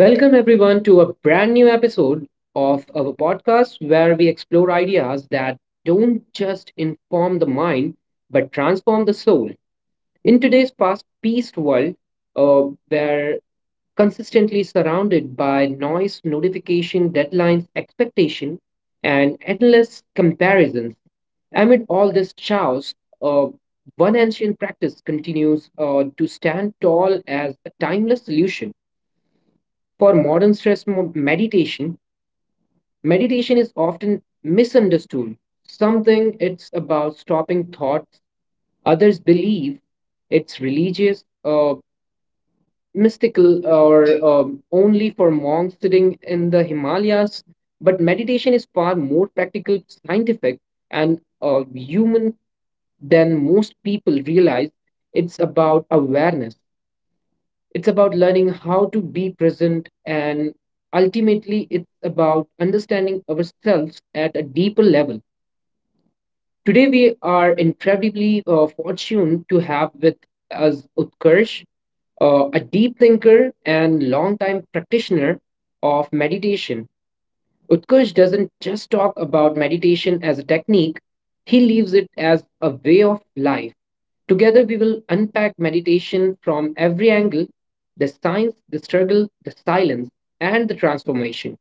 Welcome everyone to a brand new episode of our podcast where we explore ideas that don't just inform the mind but transform the soul. In today's fast-paced world, uh, where consistently surrounded by noise, notification, deadlines, expectation, and endless comparisons, amid all this chaos, uh, one ancient practice continues to stand tall as a timeless solution for modern stress meditation. Meditation is often misunderstood. Something it's about stopping thoughts. Others believe it's religious, mystical, or only for monks sitting in the Himalayas. But meditation is far more practical, scientific, and human than most people realize. It's about awareness. It's about learning how to be present, and ultimately, it's about understanding ourselves at a deeper level. Today, we are incredibly fortunate to have with us Utkarsh, a deep thinker and longtime practitioner of meditation. Utkarsh doesn't just talk about meditation as a technique, he leaves it as a way of life. Together, we will unpack meditation from every angle, the science, the struggle, the silence, and the transformation.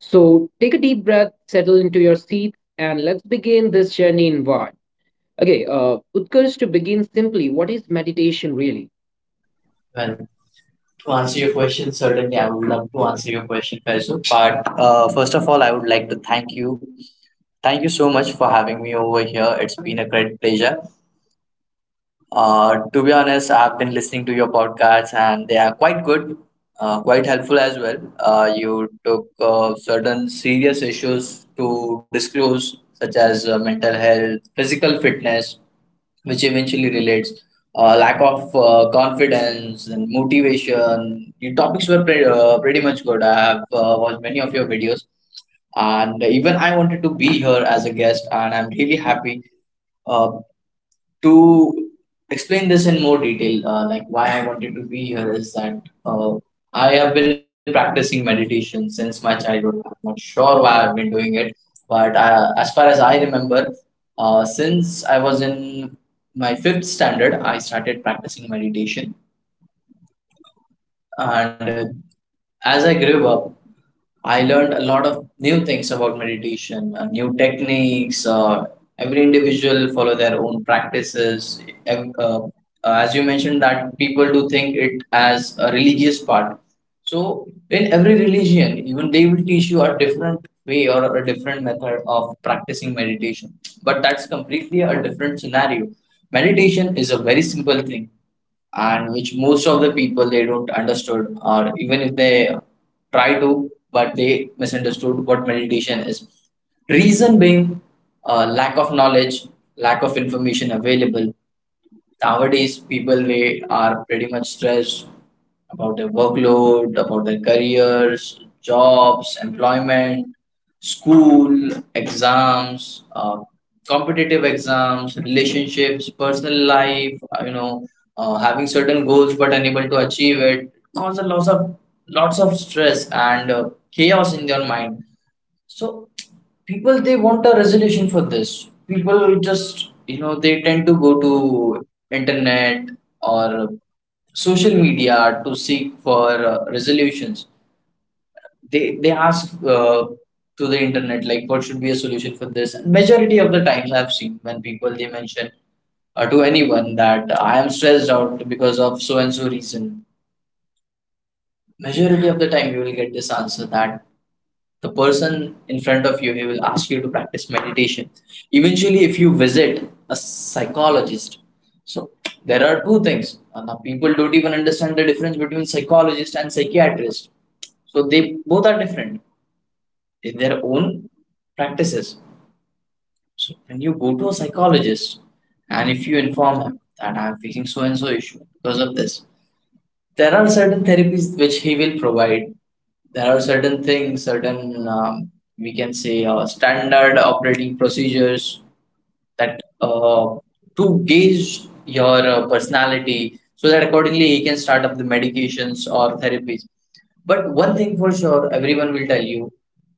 So, take a deep breath, settle into your seat, and let's begin this journey inward. Okay, Utkarsh, to begin simply, what is meditation really? Well, to answer your question, certainly I would love to answer your question, Faisal. But first of all, I would like to thank you. Thank you so much for having me over here. It's been a great pleasure. To be honest, I've been listening to your podcasts and they are quite good, quite helpful as well. You took certain serious issues to disclose, such as mental health, physical fitness, which eventually relates lack of confidence and motivation. Your topics were pretty much good. I have watched many of your videos, and even I wanted to be here as a guest, and I'm really happy. Uh, to explain this in more detail, like why I wanted to be here is that I have been practicing meditation since my childhood. I'm not sure why I've been doing it, but as far as I remember, since I was in my fifth standard, I started practicing meditation. And as I grew up, I learned a lot of new things about meditation, new techniques. Every individual follow their own practices. As you mentioned, that people do think it as a religious part. So in every religion, even they will teach you a different way or a different method of practicing meditation. But that's completely a different scenario. Meditation is a very simple thing, and which most of the people they don't understood, or even if they try to but they misunderstood what meditation is. Reason being lack of knowledge, lack of information available. Nowadays people they are pretty much stressed about their workload, about their careers, jobs, employment, school, exams, competitive exams, relationships, personal life, having certain goals but unable to achieve it, causes lots of stress and chaos in their mind. So people they want a resolution for this. People, just they tend to go to internet or social media to seek for resolutions. They ask to the internet like what should be a solution for this. And majority of the times I've seen when people they mention to anyone that I am stressed out because of so and so reason. Majority of the time you will get this answer that the person in front of you he will ask you to practice meditation. Eventually if you visit a psychologist, so there are two things. Now people don't even understand the difference between psychologist and psychiatrist, so they both are different. They their own practices. So when you go to a psychologist and if you inform him that I'm facing so and so issue because of this, there are certain therapies which he will provide. There are certain things, certain we can say standard operating procedures that to gauge your personality, so that accordingly he can start up the medications or therapies. But one thing for sure, everyone will tell you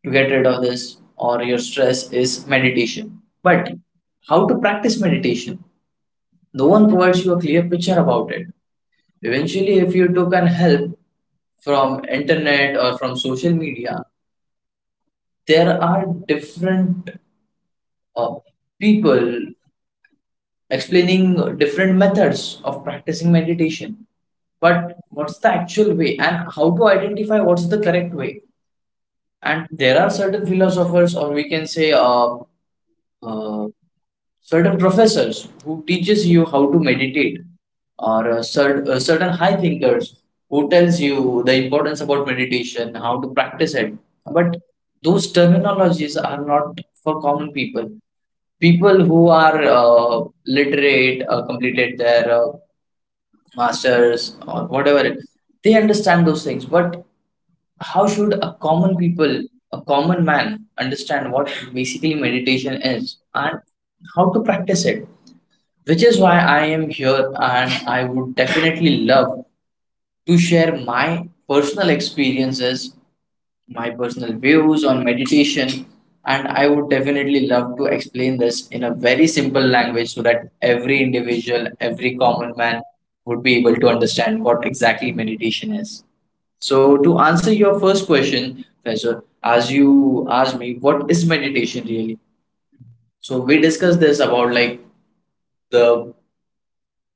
to get rid of this or your stress is meditation. But how to practice meditation? No one provides you a clear picture about it. Eventually, if you took an help from internet or from social media, there are different uh, people explaining different methods of practicing meditation. But what's the actual way and how to identify what's the correct way? And there are certain philosophers, or we can say uh, certain professors who teaches you how to meditate, or certain high thinkers who tells you the importance about meditation, how to practice it. But those terminologies are not for common people. People who are literate, completed their masters or whatever it, they understand those things. But how should a common people, a common man understand what basically meditation is and how to practice it? Which is why I am here, and I would definitely love to share my personal experiences, my personal views on meditation, and I would definitely love to explain this in a very simple language so that every individual, every common man would be able to understand what exactly meditation is. So, to answer your first question, Professor, as you asked me, what is meditation really? So, we discussed this about like the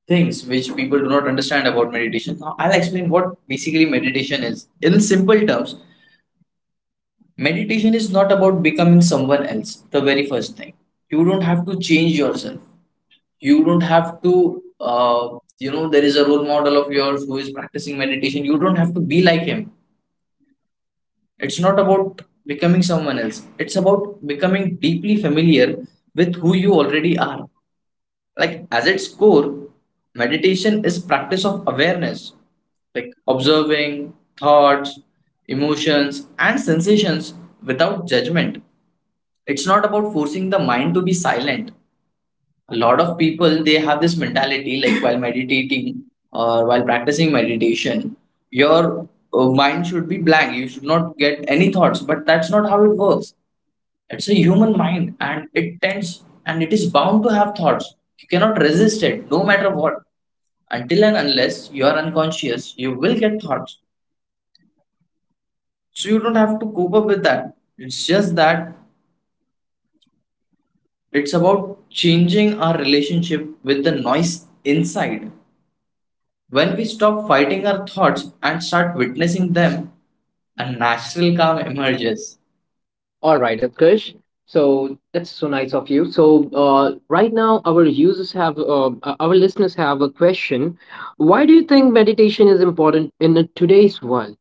things which people do not understand about meditation. Now, I'll explain what basically meditation is. In simple terms, meditation is not about becoming someone else, the very first thing. You don't have to change yourself. You don't have to, there is a role model of yours who is practicing meditation. You don't have to be like him. It's not about becoming someone else, it's about becoming deeply familiar with who you already are. Like as its core, meditation is practice of awareness, like observing thoughts, emotions and sensations without judgment. It's not about forcing the mind to be silent. A lot of people they have this mentality like while meditating or while practicing meditation your mind should be blank, you should not get any thoughts. But that's not how it works. It's a human mind and it tends and it is bound to have thoughts. You cannot resist it no matter what. Until and unless you are unconscious, you will get thoughts. So you don't have to cope up with that. It's just that it's about changing our relationship with the noise inside. When we stop fighting our thoughts and start witnessing them, a natural calm emerges. All right, Utkarsh. So that's so nice of you. So right now, our users have, our listeners have a question. Why do you think meditation is important in today's world?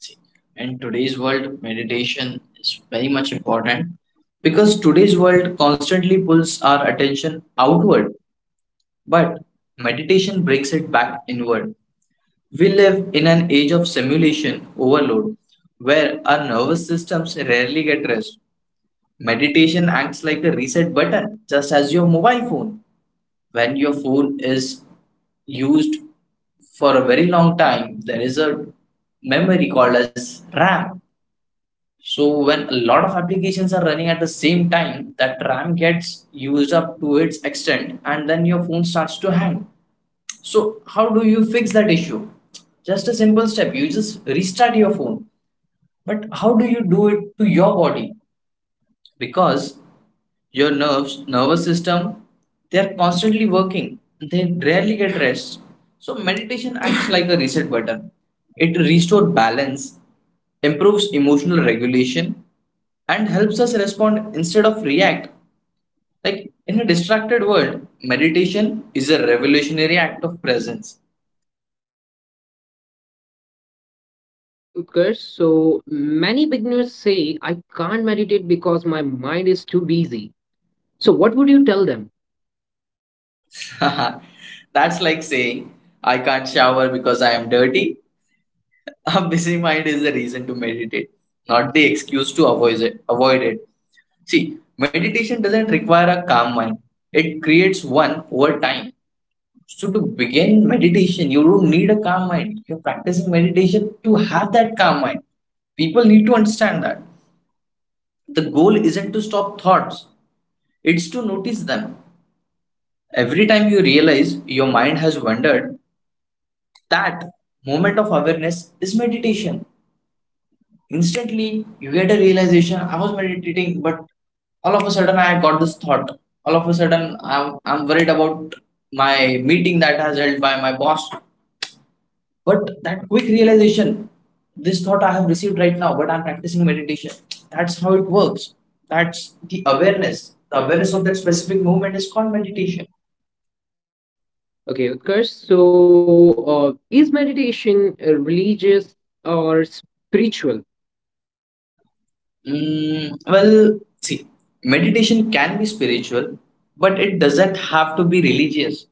See, in today's world, meditation is very much important because today's world constantly pulls our attention outward, but meditation brings it back inward. We live in an age of simulation overload where our nervous systems rarely get rest. Meditation acts like a reset button, just as your mobile phone. When your phone is used for a very long time, there is a memory called as RAM. So when a lot of applications are running at the same time, that RAM gets used up to its extent and then your phone starts to hang. So how do you fix that issue? Just a simple step, you just restart your phone. But how do you do it to your body? Because your nerves, nervous system, they're constantly working. They rarely get rest. So meditation acts like a reset button. It restores balance, improves emotional regulation, and helps us respond instead of react. Like in a distracted world, meditation is a revolutionary act of presence. Okay, Utkarsh. So many beginners say, I can't meditate because my mind is too busy. So what would you tell them? That's like saying, I can't shower because I am dirty. A busy mind is the reason to meditate, not the excuse to avoid it. Avoid it. See, meditation doesn't require a calm mind. It creates one over time. So to begin meditation, you don't need a calm mind. If you're practicing meditation, you have that calm mind. People need to understand that. The goal isn't to stop thoughts, it's to notice them. Every time you realize your mind has wandered, that moment of awareness is meditation. Instantly, you get a realization, I was meditating, but all of a sudden I got this thought. All of a sudden, I'm worried about my meeting that has held by my boss. But that quick realization, this thought I have received right now, but I'm practicing meditation. That's how it works. That's the awareness. The awareness of that specific movement is called meditation. Okay, Utkarsh. So is meditation religious or spiritual? Mm, well, see, meditation can be spiritual, but it doesn't have to be religious.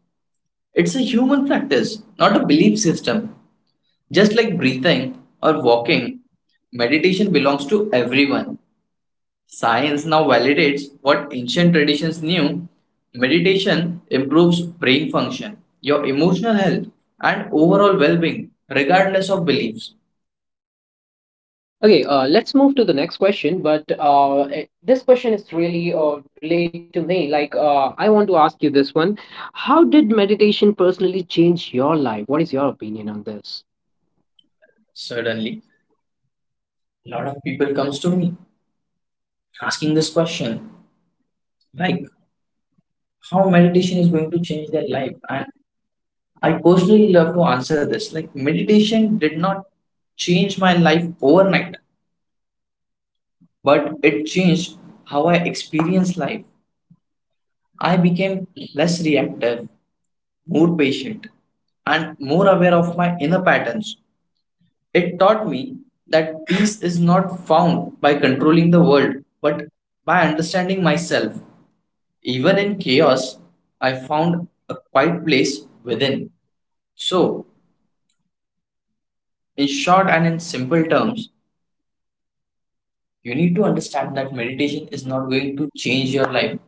It's a human practice, not a belief system. Just like breathing or walking, meditation belongs to everyone. Science now validates what ancient traditions knew. Meditation improves brain function, your emotional health, and overall well-being, regardless of beliefs. Okay, let's move to the next question. But this question is really relate to me. Like, I want to ask you this one: how did meditation personally change your life? What is your opinion on this? Suddenly, a lot of people comes to me asking this question, like how meditation is going to change their life. And I personally love to answer this. Like meditation did not change my life overnight, but it changed how I experience life. I became less reactive, more patient, and more aware of my inner patterns. It taught me that peace is not found by controlling the world, but by understanding myself. Even in chaos, I found a quiet place within. So, So, in short and in simple terms, you need to understand that meditation is not going to change your life.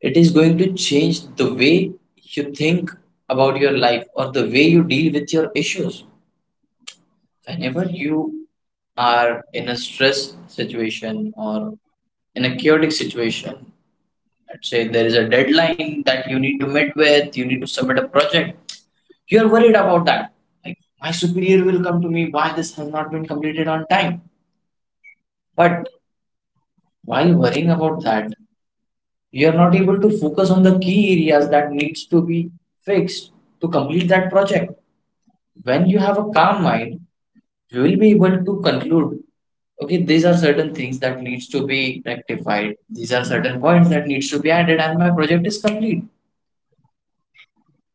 It is going to change the way you think about your life or the way you deal with your issues. Whenever you are in a stress situation or in a chaotic situation, let's say there is a deadline that you need to meet with, you need to submit a project, you are worried about that, like my superior will come to me, why this has not been completed on time. But while worrying about that, you are not able to focus on the key areas that needs to be fixed to complete that project. When you have a calm mind, we will be able to conclude, okay, these are certain things that needs to be rectified, these are certain points that needs to be added, and my project is complete.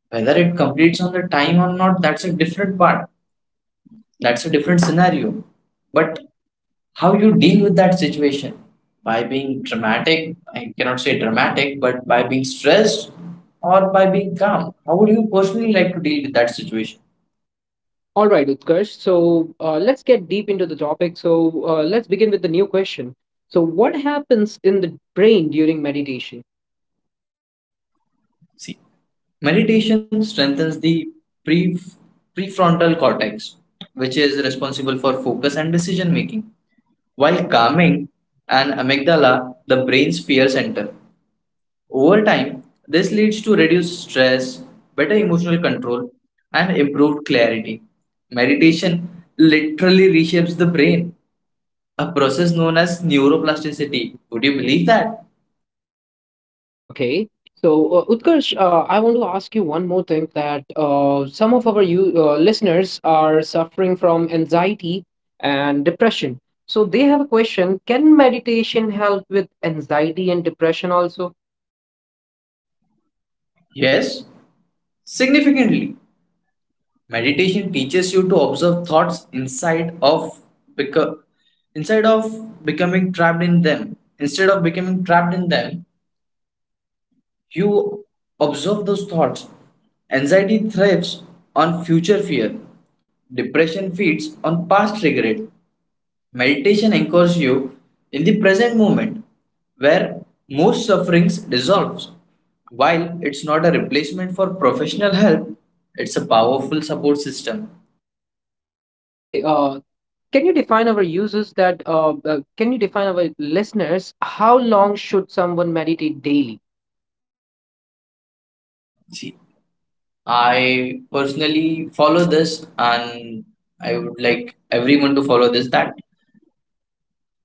Whether it completes on the time or not, that's a different part, that's a different scenario. But how you deal with that situation, by being dramatic, I cannot say dramatic, but by being stressed or by being calm, how would you personally like to deal with that situation? all right, Utkarsh. So, let's get deep into the topic. So, let's begin with the new question. So, what happens in the brain during meditation? See, meditation strengthens the pre- prefrontal cortex, which is responsible for focus and decision making, while calming an amygdala, the brain's fear center. Over time, this leads to reduced stress, better emotional control, and improved clarity. Meditation literally reshapes the brain, a process known as neuroplasticity. Would you believe that? Okay. So, Utkarsh, I want to ask you one more thing that some of our listeners are suffering from anxiety and depression. So, they have a question. Can meditation help with anxiety and depression also? Yes, significantly. Meditation teaches you to observe thoughts inside of beco- inside of becoming trapped in them. Instead of becoming trapped in them, you observe those thoughts. Anxiety thrives on future fear. Depression feeds on past regret. Meditation anchors you in the present moment where most sufferings dissolves. While it's not a replacement for professional help, it's a powerful support system. Okay. Can you define our users that, can you define our listeners how long should someone meditate daily? See, I personally follow this, and I would like everyone to follow this. That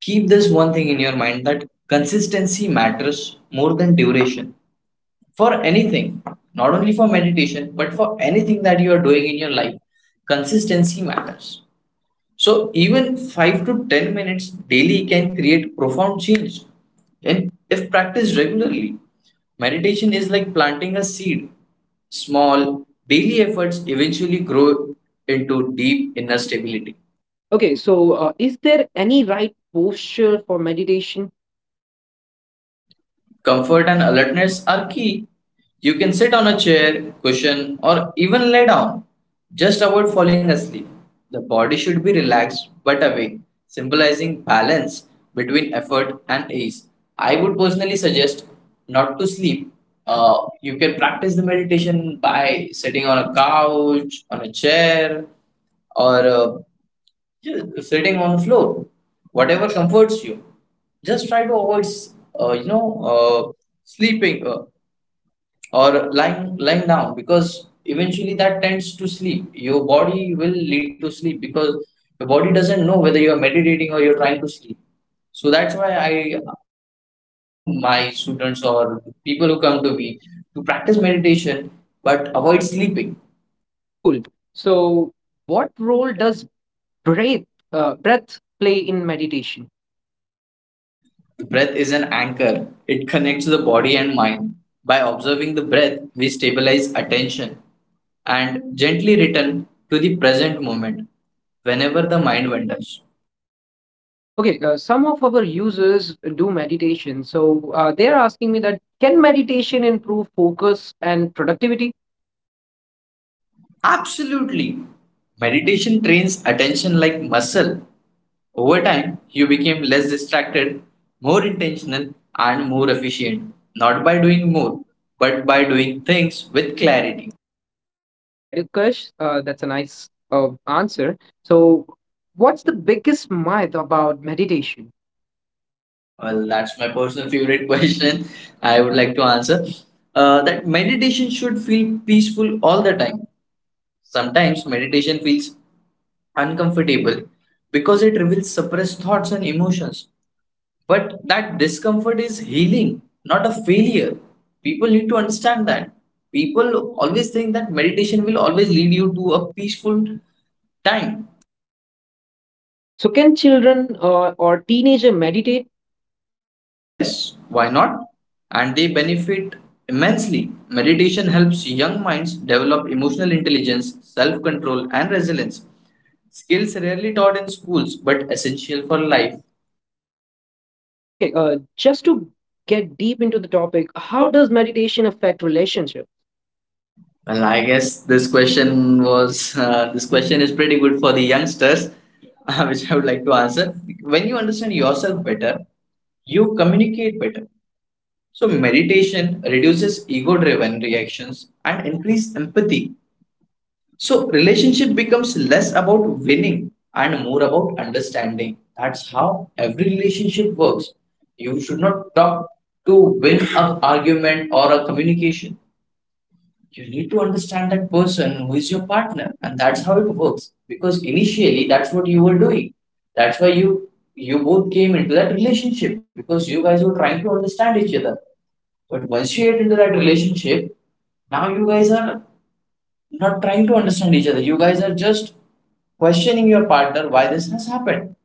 keep this one thing in your mind, that consistency matters more than duration for anything, not only for meditation, but for anything that you are doing in your life. Consistency matters. So, even 5 to 10 minutes daily can create profound change. And if practiced regularly, meditation is like planting a seed. Small daily efforts eventually grow into deep inner stability. Okay. So, is there any right posture for meditation? Comfort and alertness are key. You can sit on a chair, cushion, or even lay down. Just avoid falling asleep. The body should be relaxed but awake, symbolizing balance between effort and ease. I would personally suggest not to sleep. You can practice the meditation by sitting on a couch, on a chair, or just sitting on the floor, whatever comforts you. Just try to avoid, uh, you know, uh, sleeping, or lying down, because eventually that tends to sleep. Your body will lead to sleep because your body doesn't know whether you are meditating or you're trying to sleep. So that's why I inform my students or people who come to me to practice meditation but avoid sleeping. Cool. So, what role does breath breath play in meditation? Breath is an anchor. It connects the body and mind. By observing the breath, we stabilize attention and gently return to the present moment whenever the mind wanders. Okay, some of our users do meditation, so they are asking me that can meditation improve focus and productivity? Absolutely. Meditation trains attention like muscle. Over time, you became less distracted, more intentional, and more efficient. Not by doing more, but by doing things with clarity. All right, Utkarsh, that's a nice answer. So what's the biggest myth about meditation? Well, that's my personal favorite question. I would like to answer that meditation should feel peaceful all the time. Sometimes meditation feels uncomfortable because it reveals suppressed thoughts and emotions. But that discomfort is healing, not a failure. People need to understand that. People always think that meditation will always lead you to a peaceful time. So can children or teenager meditate? Yes, why not? And they benefit immensely. Meditation helps young minds develop emotional intelligence, self control, and resilience. Skills rarely taught in schools but essential for life. Okay, just to get deep into the topic, how does meditation affect relationship? Well, I guess this question is pretty good for the youngsters, which I would like to answer. When you understand yourself better, you communicate better. So meditation reduces ego-driven reactions and increase empathy. So relationship becomes less about winning and more about understanding. That's how every relationship works. You should not talk to win an argument or a communication. You need to understand that person who is your partner, and that's how it works. Because initially, that's what you were doing. That's why you both came into that relationship, because you guys were trying to understand each other. But once you get into that relationship, now you guys are not trying to understand each other. You guys are just questioning your partner why this has happened.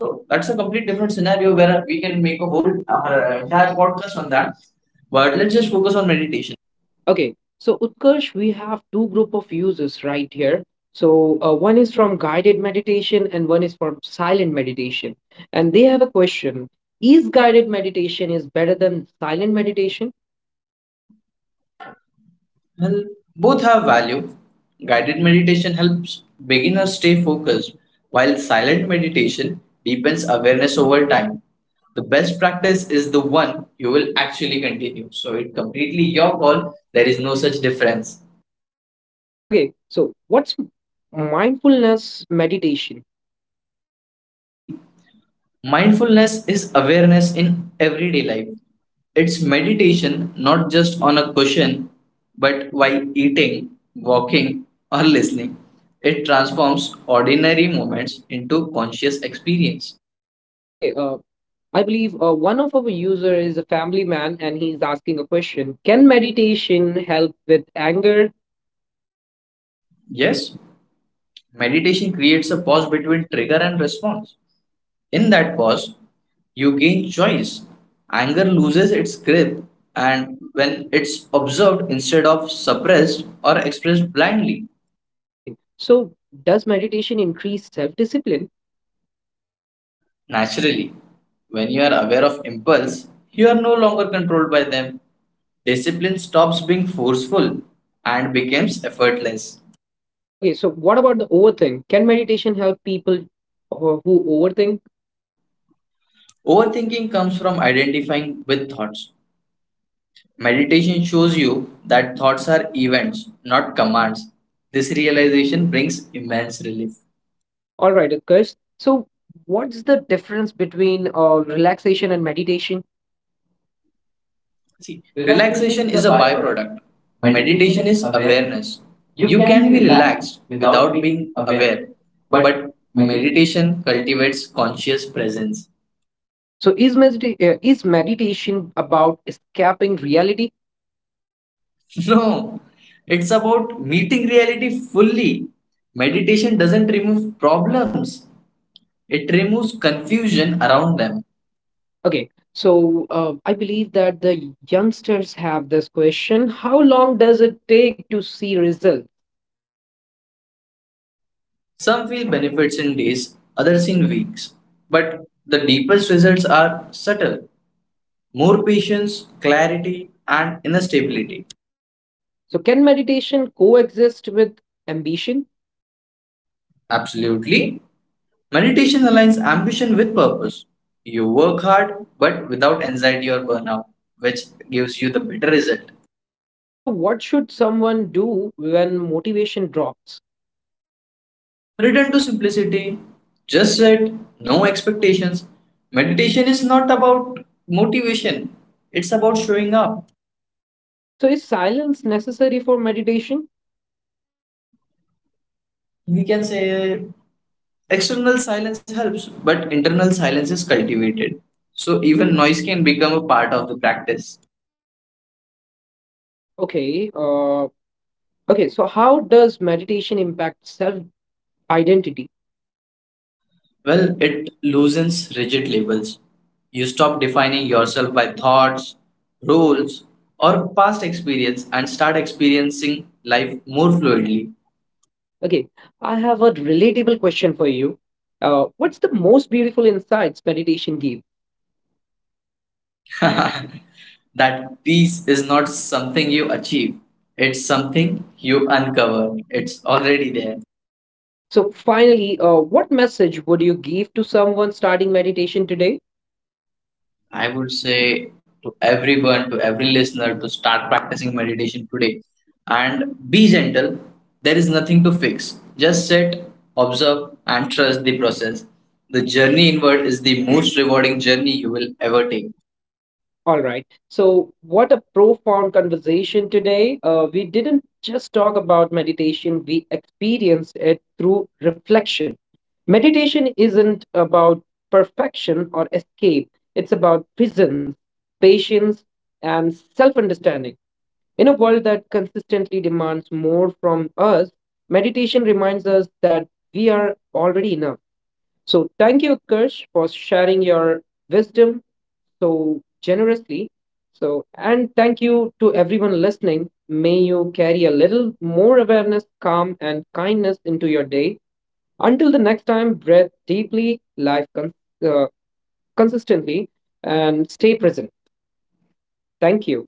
So that's a complete different scenario, where we can make a whole entire podcast on that. But let's just focus on meditation. Okay, so Utkarsh, we have two group of users right here. So one is from guided meditation and one is from silent meditation. And they have a question: is guided meditation is better than silent meditation? Well, both have value. Guided meditation helps beginners stay focused, while silent meditation deepens awareness over time. The best practice is the one you will actually continue. So it completely your call. There is no such difference. Okay, so what's mindfulness meditation? See, mindfulness is awareness in everyday life. It's meditation not just on a cushion, but while eating, walking, or listening. It transforms ordinary moments into conscious experience. Okay, I believe one of our user is a family man and he's asking a question. Can meditation help with anger? Yes, meditation creates a pause between trigger and response. In that pause, you gain choice. Anger loses its grip, and when it's observed instead of suppressed or expressed blindly. Okay, so does meditation increase self-discipline? Naturally, when you are aware of impulse, you are no longer controlled by them. Discipline stops being forceful and becomes effortless. Okay, so what about the overthink? Can meditation help people who overthink? Overthinking comes from identifying with thoughts. Meditation shows you that thoughts are events, not commands. This realization brings immense relief. All right, Utkarsh. So, what's the difference between relaxation and meditation? See, Relaxation relaxation is a is a byproduct. byproduct. Meditation Meditation is is awareness. awareness. You You can can be be relaxed relaxed without without being being aware. aware, But but meditation. meditation cultivates conscious presence. So, is is meditation about escaping reality? No, it's about meeting reality fully. Meditation doesn't remove problems, it removes confusion around them. Okay, so I believe that the youngsters have this question: how long does it take to see result? Some feel benefits in days, others in weeks, but the deepest results are subtle, more patience, clarity, and inner stability. So, can meditation coexist with ambition? Absolutely. Meditation aligns ambition with purpose. You work hard but without anxiety or burnout, which gives you the better result. So, what should someone do when motivation drops? Return to simplicity. Just set no expectations. Meditation is not about motivation, it's about showing up. So, is silence necessary for meditation? We can say external silence helps, but internal silence is cultivated. So even noise can become a part of the practice. Okay. Uh, okay. So, how does meditation impact self identity? Well, it loosens rigid labels. You stop defining yourself by thoughts, rules, or past experience and start experiencing life more fluidly. Okay. I have a relatable question for you. What's the most beautiful insights meditation gave? That peace is not something you achieve, it's something you uncover. It's already there. Okay. So, finally, what message would you give to someone starting meditation today? I would say to everyone, to every listener, to start practicing meditation today and be gentle. There is nothing to fix. Just sit, observe, and trust the process. The journey inward is the most rewarding journey you will ever take. All right. So, what a profound conversation today. We didn't just talk about meditation, we experienced it through reflection. Meditation isn't about perfection or escape, it's about presence, patience, and self understanding. In a world that consistently demands more from us, meditation reminds us that we are already enough. So, thank you, Kirsch, for sharing your wisdom so generously. So, and thank you to everyone listening. May you carry a little more awareness, calm, and kindness into your day. Until the next time, breathe deeply, uh, consistently, and stay present. Thank you.